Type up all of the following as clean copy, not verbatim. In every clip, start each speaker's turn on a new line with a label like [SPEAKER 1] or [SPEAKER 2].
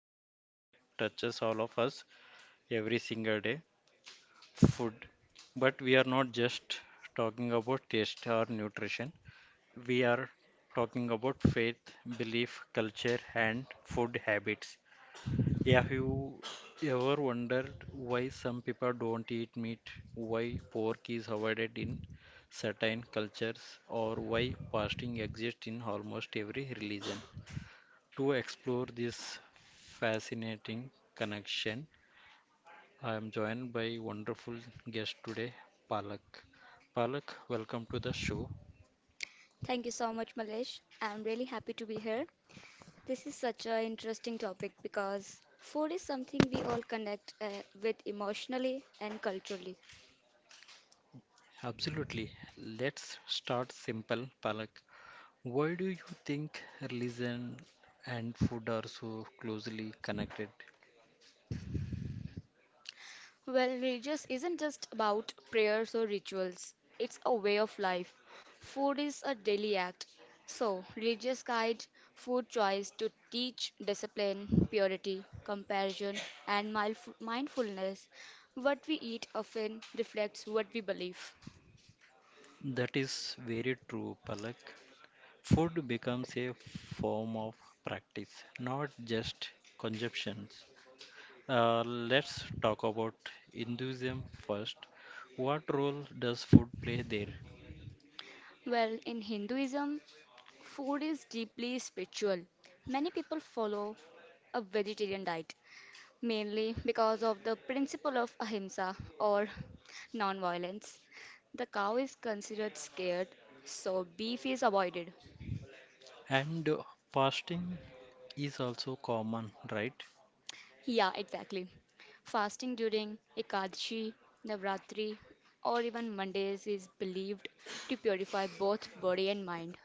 [SPEAKER 1] a topic that touches all of us every single day, food. But we are not just talking about taste or nutrition, we are talking about faith, belief, culture, and food habits. Yeah, have you ever wondered why some people don't eat meat, why pork is avoided in certain cultures, or why fasting exists in almost every religion? To explore this fascinating connection, I am joined by wonderful guest today, Palak. Palak, welcome to the show.
[SPEAKER 2] Thank you so much, Malesh. I'm really happy to be here. This is such an interesting topic because food is something we all connect with emotionally and culturally.
[SPEAKER 1] Absolutely. Let's start simple, Palak. Why do you think religion and food are so closely connected?
[SPEAKER 2] Well, religious isn't just about prayers or rituals, it's a way of life. Food is a daily act. So, religious guide food choice to teach discipline, purity, compassion, and mindfulness. What we eat often reflects what we believe.
[SPEAKER 1] That is very true, Palak. Food becomes a form of practice, not just consumptions. Let's talk about Hinduism first. What role does food play there?
[SPEAKER 2] Well, in Hinduism, food is deeply spiritual. Many people follow a vegetarian diet mainly because of the principle of ahimsa or non-violence. The cow is considered scared, so beef is avoided.
[SPEAKER 1] And fasting is also common, right?
[SPEAKER 2] Yeah, exactly. Fasting during Ekadashi, Navratri, or even Mondays is believed to purify both body and mind.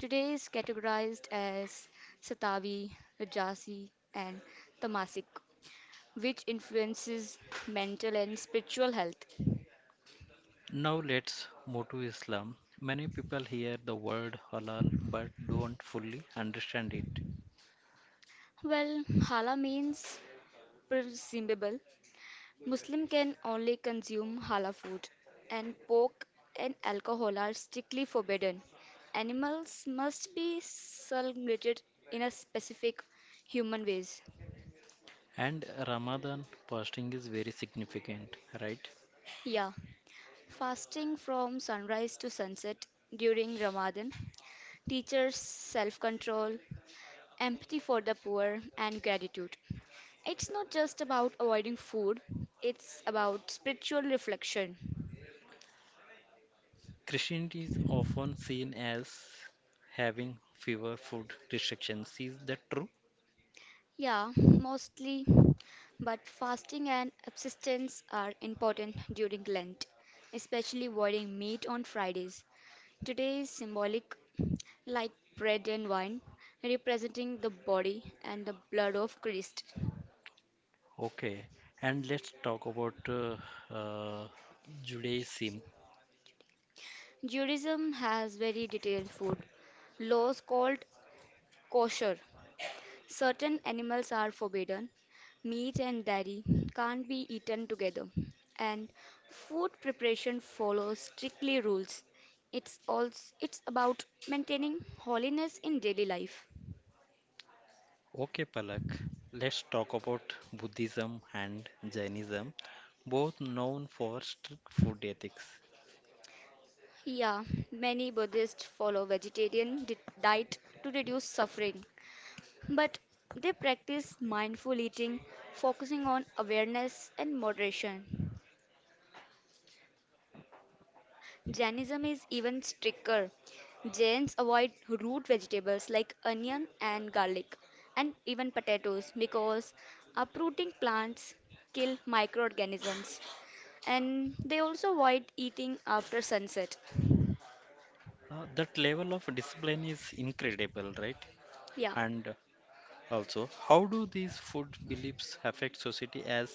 [SPEAKER 2] Today is categorized as Satavi, Rajasi, and Tamasic, which influences mental and spiritual health.
[SPEAKER 1] Now let's move to Islam. Many people hear the word halal but don't fully understand it.
[SPEAKER 2] Well, halal means presumable. Muslim can only consume halal food, and pork and alcohol are strictly forbidden. Animals must be celebrated in a specific human ways.
[SPEAKER 1] And Ramadan fasting is very significant, right?
[SPEAKER 2] Yeah, fasting from sunrise to sunset during Ramadan teaches self-control, empathy for the poor, and gratitude. It's not just about avoiding food, it's about spiritual reflection.
[SPEAKER 1] Christianity is often seen as having fewer food restrictions. Is that true?
[SPEAKER 2] Yeah, mostly, but fasting and abstinence are important during Lent, especially avoiding meat on Fridays. Today is symbolic, like bread and wine, representing the body and the blood of Christ.
[SPEAKER 1] Okay, and let's talk about uh, Judaism.
[SPEAKER 2] Judaism has very detailed food laws called kosher. Certain animals are forbidden. Meat and dairy can't be eaten together. And food preparation follows strictly rules. It's about maintaining holiness in daily life.
[SPEAKER 1] Okay, Palak, let's talk about Buddhism and Jainism, both known for strict food ethics.
[SPEAKER 2] Yeah, many Buddhists follow vegetarian diet to reduce suffering, but they practice mindful eating, focusing on awareness and moderation. Jainism is even stricter. Jains avoid root vegetables like onion and garlic, and even potatoes because uprooting plants kill microorganisms. And they also avoid eating after sunset.
[SPEAKER 1] That level of discipline is incredible, right?
[SPEAKER 2] Yeah.
[SPEAKER 1] And also, how do these food beliefs affect society as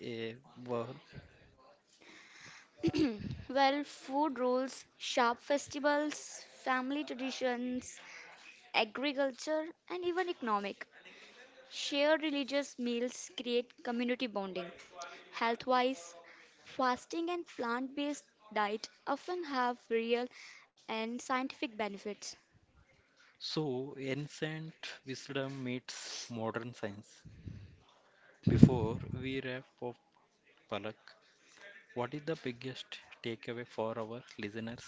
[SPEAKER 1] a whole?
[SPEAKER 2] Well, food rules, sharp festivals, family traditions, agriculture, and even economic. Shared religious meals create community bonding. Health wise, fasting and plant based diet often have real and scientific benefits.
[SPEAKER 1] So, ancient wisdom meets modern science. Before we wrap up, Palak, what is the biggest takeaway for our listeners?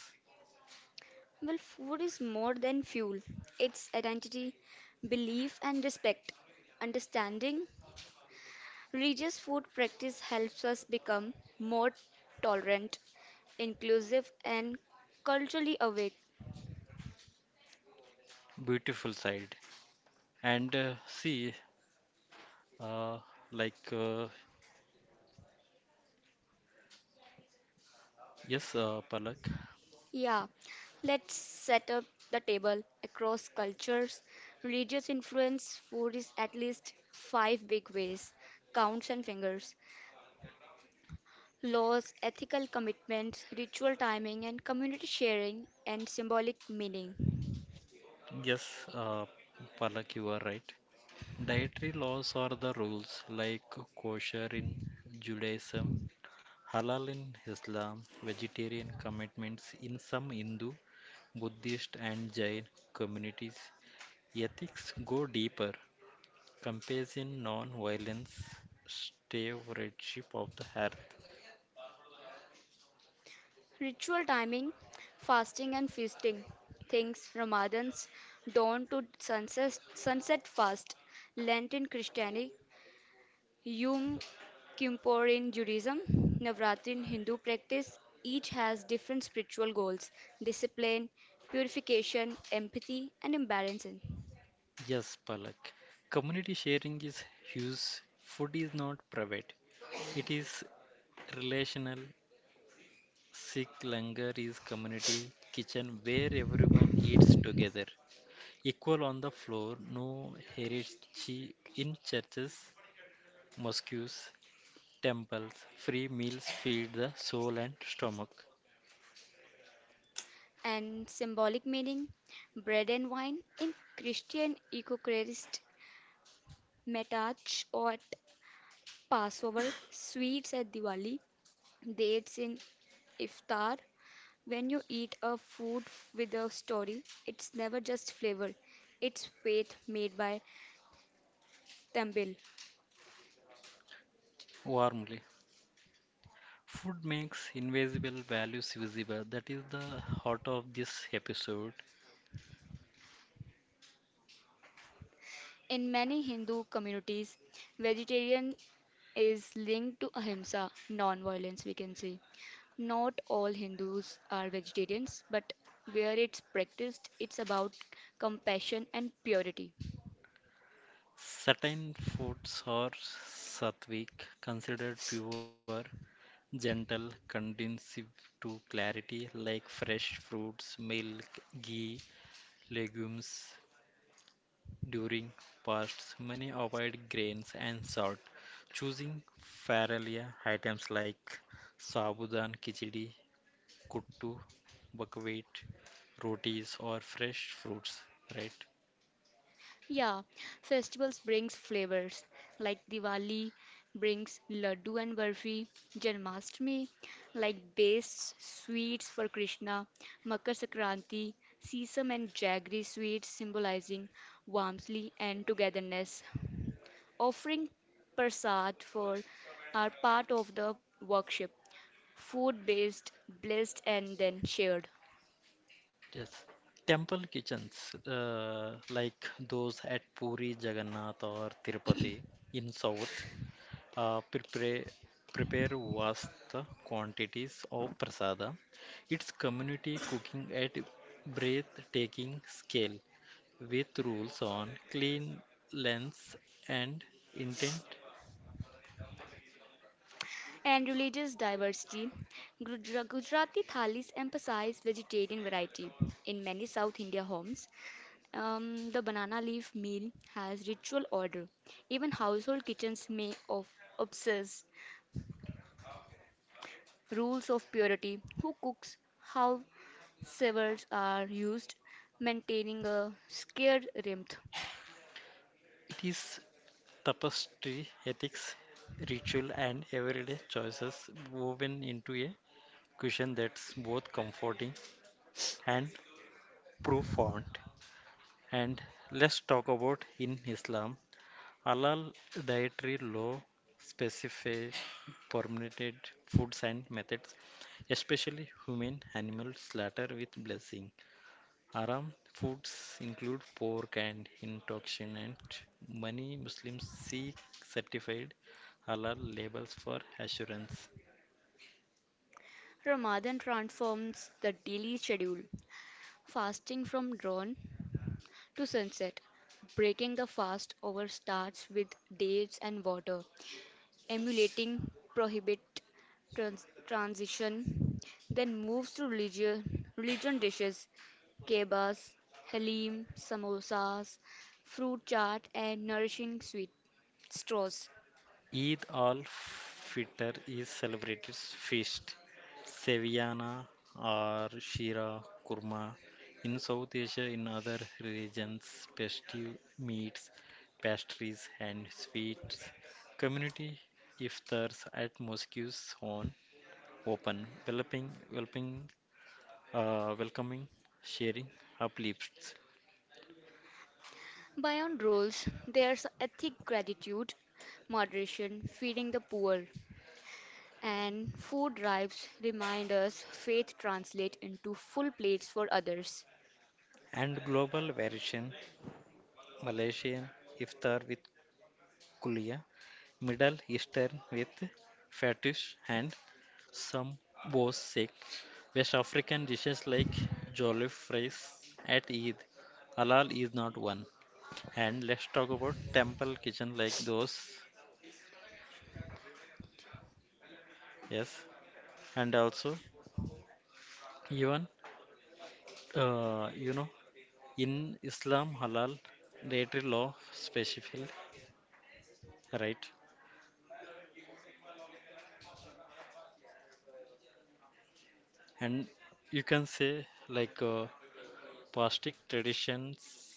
[SPEAKER 2] Well, food is more than fuel, it's identity, belief, and respect. Understanding religious food practice helps us become more tolerant, inclusive, and culturally awake.
[SPEAKER 1] Beautiful side. And uh, like, uh, yes, Palak.
[SPEAKER 2] Yeah, let's set up the table across cultures. Religious influence food is at least five big ways counts and fingers, laws, ethical commitments, ritual timing, and community sharing and symbolic meaning.
[SPEAKER 1] Yes, Palak, you are right. Dietary laws are the rules like kosher in Judaism, halal in Islam, vegetarian commitments in some Hindu, Buddhist, and Jain communities. Ethics go deeper, compassion, non violence, stewardship of the earth.
[SPEAKER 2] Ritual timing, fasting and feasting. Things Ramadans, dawn to sunset, sunset fast, Lent in Christianity, Yom Kippur in Judaism, Navratri in Hindu practice, each has different spiritual goals discipline, purification, empathy, and embarrassment.
[SPEAKER 1] Yes, Palak. Community sharing is huge. Food is not private, it is relational. Sikh langar is community kitchen where everyone eats together. Equal on the floor, no hierarchy in churches, mosques, temples. Free meals feed the soul and stomach
[SPEAKER 2] And symbolic meaning bread and wine in Christian Eucharist, matach at Passover, sweets at Diwali, dates in Iftar, when you eat a food with a story, it's never just flavor, it's faith made by Tamil.
[SPEAKER 1] warmly. Food makes invisible values visible. That is the heart of this episode.
[SPEAKER 2] In many Hindu communities, vegetarian is linked to ahimsa, non violence, we can say. Not all Hindus are vegetarians, but where it's practiced, it's about compassion and purity.
[SPEAKER 1] Certain foods are sattvic, considered pure, gentle, conducive to clarity like fresh fruits, milk, ghee, legumes. During fasts, many avoid grains and salt, choosing farralia items like sabudan khichdi, kuttu, buckwheat, rotis or fresh fruits, right?
[SPEAKER 2] Yeah, festivals brings flavors like Diwali brings laddu and barfi, Janmashtami like based sweets for Krishna, Makar Sankranti, sesame and jaggery sweets symbolizing warmth and togetherness. Offering prasad for are part of the worship, food based, blessed and then shared.
[SPEAKER 1] Yes. Temple kitchens, like those at Puri, Jagannath, or Tirupati in South, uh, prepare prepare vast quantities of prasada. It's community cooking at breathtaking scale with rules on cleanliness and intent.
[SPEAKER 2] And religious diversity, Gujarati thalis emphasize vegetarian variety. In many South India homes, the banana leaf meal has ritual order. Even household kitchens may of obsess rules of purity, who cooks, how severs are used, maintaining a scared rhythm.
[SPEAKER 1] It is tapestry, ethics, ritual, and everyday choices woven into a cushion that's both comforting and profound. And let's talk about in Islam halal dietary law specify permitted foods and methods, especially human animal slaughter with blessing. Haram foods include pork and intoxinant. Many Muslims seek certified halal labels for assurance.
[SPEAKER 2] Ramadan transforms the daily schedule. Fasting from dawn to sunset, breaking the fast over starts with dates and water, emulating prohibit transition, then moves to religion dishes, kebabs, halim, samosas, fruit chaat, and nourishing sweet straws.
[SPEAKER 1] Eid al-Fitr is celebrated feast. Seviyana or Shira Kurma. In South Asia, in other regions, festive meats, pastries, and sweets. Community iftars at mosques on open, welcoming, sharing uplifts.
[SPEAKER 2] Beyond roles, there's ethic gratitude, moderation, feeding the poor, and food drives remind us faith translates into full plates for others.
[SPEAKER 1] And global variation, Malaysian iftar with Kulia, Middle Eastern with fetish and some Bosek, West African dishes like jollof rice at Eid. Halal is not one. And let's talk about temple kitchen like those. Yes. And also, even, uh, you know, in Islam, halal dietary law specified, right? And you can say like plastic traditions,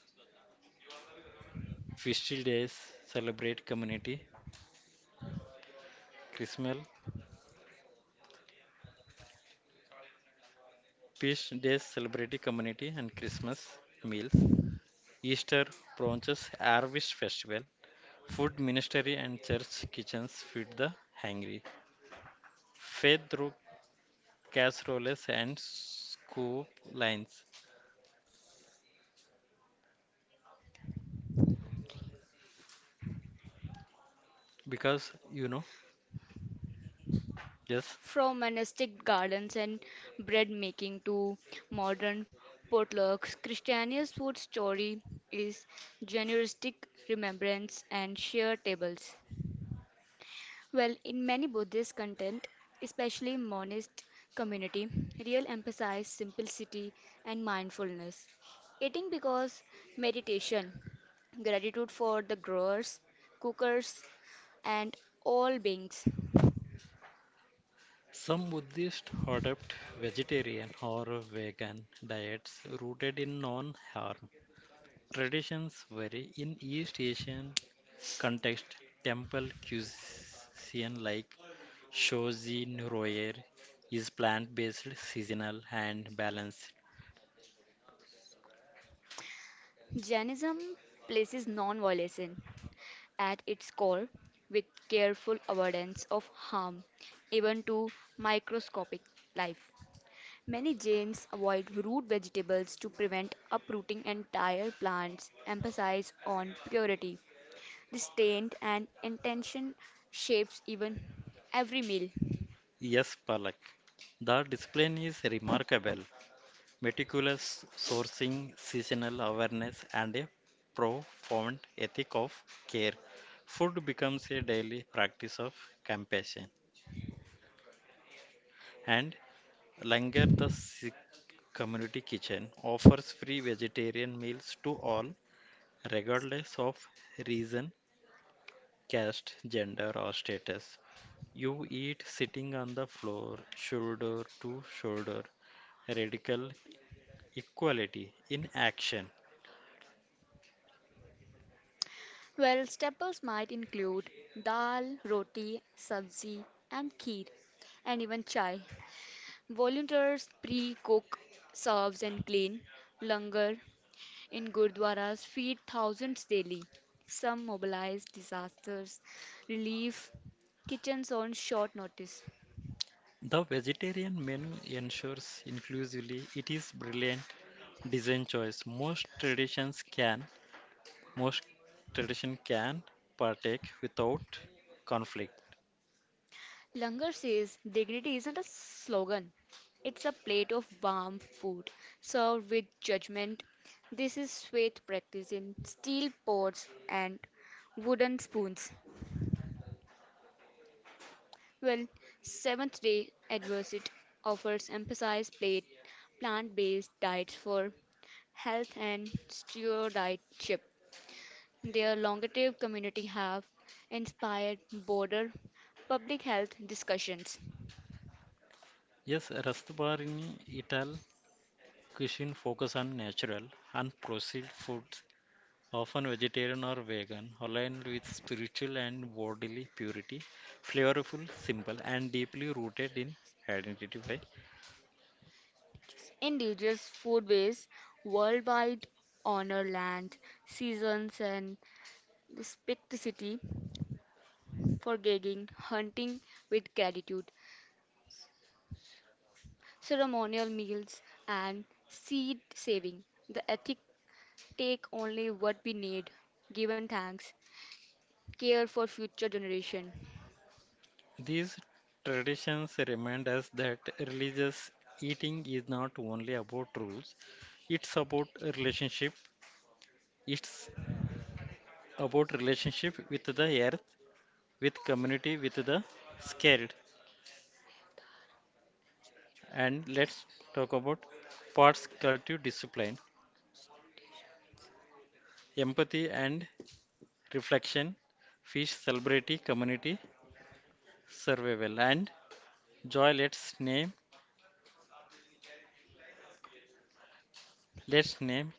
[SPEAKER 1] feastal days celebrate community. Christmas feast days celebrate community and Christmas meals. Easter brunches, harvest festival. Food ministry and church kitchens feed the hungry. Faith through casseroles and scoop lines. Because you know, yes,
[SPEAKER 2] From monastic gardens and bread making to modern potlucks, Christiania's food story is generistic remembrance and shared tables. Well, in many Buddhist content, especially monist community, real emphasize simplicity and mindfulness. Eating because meditation, gratitude for the growers, cookers, and all beings.
[SPEAKER 1] some Buddhists adopt vegetarian or vegan diets rooted in non-harm traditions vary in East Asian context. Temple cuisine like Shojin Royer is plant based, seasonal, and balanced.
[SPEAKER 2] Jainism places non-violence at its core with careful avoidance of harm, even to microscopic life. Many Jains avoid root vegetables to prevent uprooting entire plants, emphasize on purity. This taint and intention shapes even every meal.
[SPEAKER 1] Yes, Palak. The discipline is remarkable. Meticulous sourcing, seasonal awareness, and a profound ethic of care. Food becomes a daily practice of compassion. And Langar, the Sikh community kitchen, offers free vegetarian meals to all regardless of reason, caste, gender, or status. You eat sitting on the floor, shoulder to shoulder, radical equality in action.
[SPEAKER 2] Well, staples might include dal, roti, sabzi, and kheer, and even chai. Volunteers pre-cook, serves, and clean. Langar in gurdwaras, feed thousands daily. Some mobilize disasters, relief, kitchens on short notice.
[SPEAKER 1] The vegetarian menu ensures inclusively it is brilliant design choice. Most tradition can partake without conflict.
[SPEAKER 2] Langar says dignity isn't a slogan, it's a plate of warm food served with judgment. This is faith practice in steel pots and wooden spoons. Well, Seventh Day Advocate offers emphasized plate plant-based diets for health and stewardship. Their longevity community have inspired broader public health discussions.
[SPEAKER 1] Yes, Rastbarini Ital cuisine focus on natural and processed foods often vegetarian or vegan, aligned with spiritual and bodily purity, flavorful, simple, and deeply rooted in identity. Why?
[SPEAKER 2] Indigenous food ways worldwide honor land, seasons, and respectivity for gagging, hunting with gratitude, ceremonial meals, and seed saving. The ethic take only what we need, given thanks, care for future generation.
[SPEAKER 1] These traditions remind us that religious eating is not only about rules, it's about a relationship, it's about relationship with the earth, with community, with the scared. And let's talk about parts cultive discipline, empathy and reflection, fish celebrity community survival, and joy. Let's name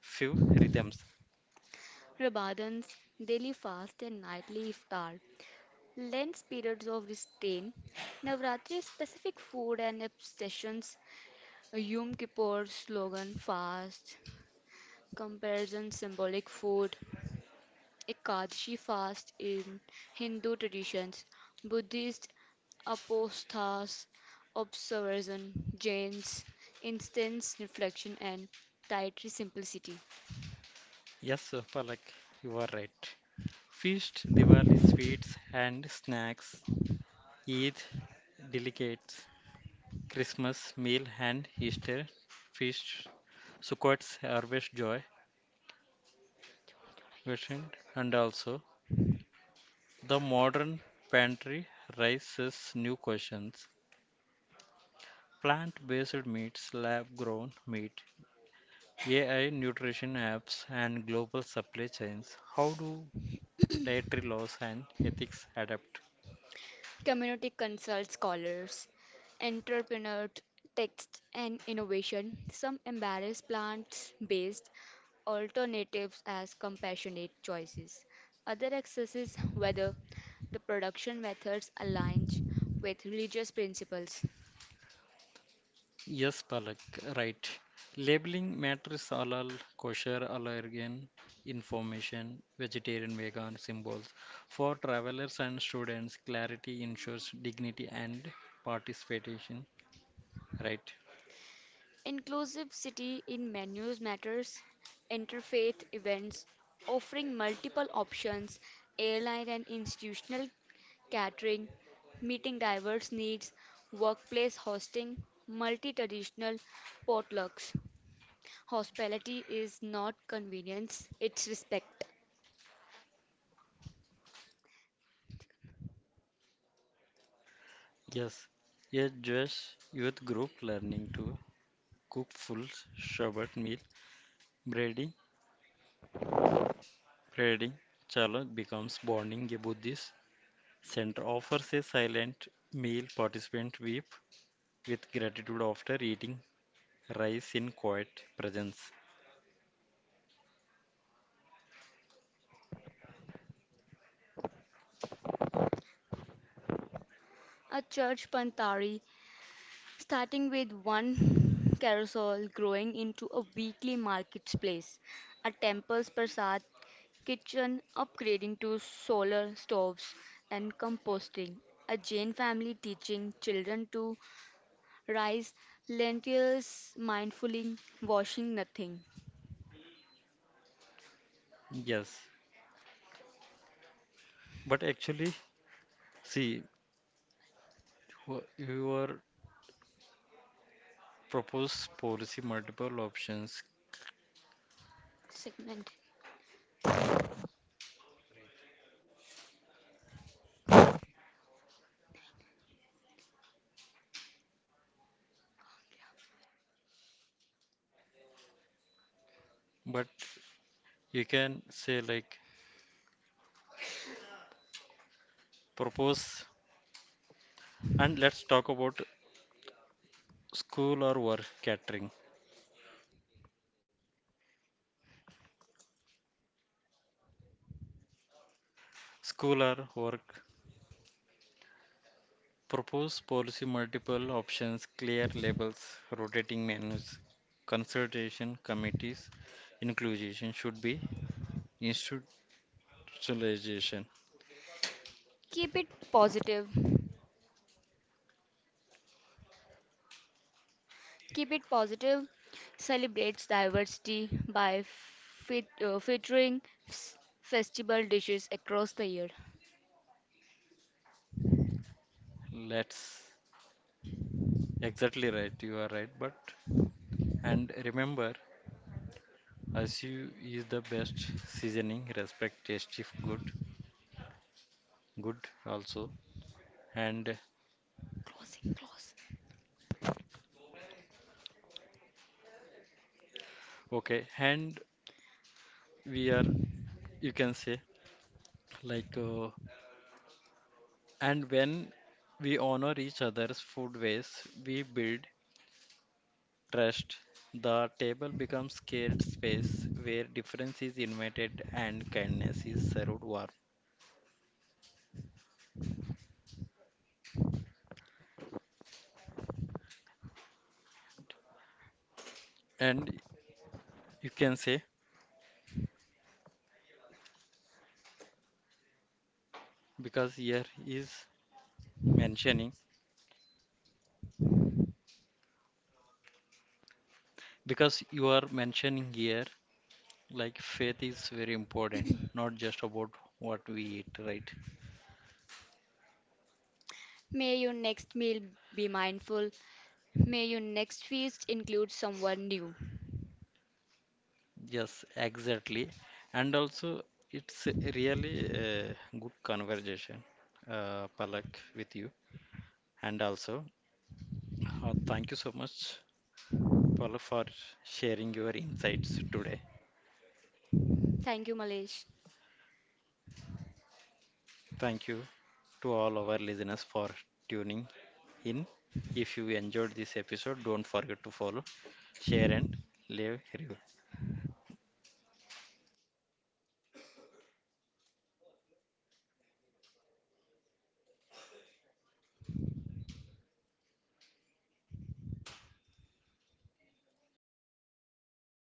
[SPEAKER 1] few rhythms.
[SPEAKER 2] Ramadan's daily fast and nightly iftar Lent periods of restraint, Navratri specific food and abstentions, Yom Kippur slogan fast, comparison symbolic food, Ekadashi fast in Hindu traditions, Buddhist apostas, observation, Jains, instance reflection and dietary simplicity.
[SPEAKER 1] Yes, Palak, you are right. Feast, Diwali, sweets and snacks, Eid, delicates, Christmas meal and Easter feast, Sukkot's harvest joy, version, and also the modern pantry raises new questions. Plant-based meats, lab-grown meat, AI, nutrition apps, and global supply chains. How do dietary laws and ethics adapt?
[SPEAKER 2] Community consult scholars, entrepreneurs, text and innovation. Some embrace plant-based alternatives as compassionate choices. Other assesses whether the production methods align with religious principles.
[SPEAKER 1] Yes, Palak, right. Labeling matters halal, kosher, allergen information, vegetarian, vegan symbols. For travelers and students, clarity ensures dignity and participation, right?
[SPEAKER 2] Inclusivity in menus matters. Interfaith events offering multiple options, airline and institutional catering, meeting diverse needs, workplace hosting, multi traditional potlucks. Hospitality is not convenience, it's respect.
[SPEAKER 1] Yes. A Jewish youth group learning to cook full Shabbat meal, braiding reading, Chalak becomes bonding a Buddhist center, offers a silent meal. Participants weep with gratitude after eating rice in quiet presence.
[SPEAKER 2] A church pantari starting with one carousel growing into a weekly marketplace, a temple's prasad, kitchen upgrading to solar stoves and composting, a Jain family teaching children to rice, lentils mindfully, washing nothing.
[SPEAKER 1] Yes, but actually, see, your proposed policy multiple options,
[SPEAKER 2] Segment.
[SPEAKER 1] but you can say like propose and let's talk about school or work catering. School or work propose policy multiple options, clear labels, rotating menus, consultation committees, inclusion should be institutionalization.
[SPEAKER 2] Keep it positive. Keep it positive celebrates diversity by featuring s- festival dishes across the year.
[SPEAKER 1] Let's exactly right, you are right, but and remember SU is the best seasoning, respect tasty good, good also. And
[SPEAKER 2] Closing, close.
[SPEAKER 1] okay, and we are you can say like and when we honor each other's food ways, we build trust, the table becomes scared space where difference is invited and kindness is served warm. And you can say because here is mentioning because you are mentioning here like faith is very important, not just about what we eat, right?
[SPEAKER 2] May your next meal be mindful. May your next feast include someone new.
[SPEAKER 1] Yes, exactly. And also it's really a good conversation, Palak, with you. And also, thank you so much Paul, for sharing your insights today.
[SPEAKER 2] Thank you, Malesh.
[SPEAKER 1] Thank you to all our listeners for tuning in. If you enjoyed this episode, don't forget to follow, share, and leave a review.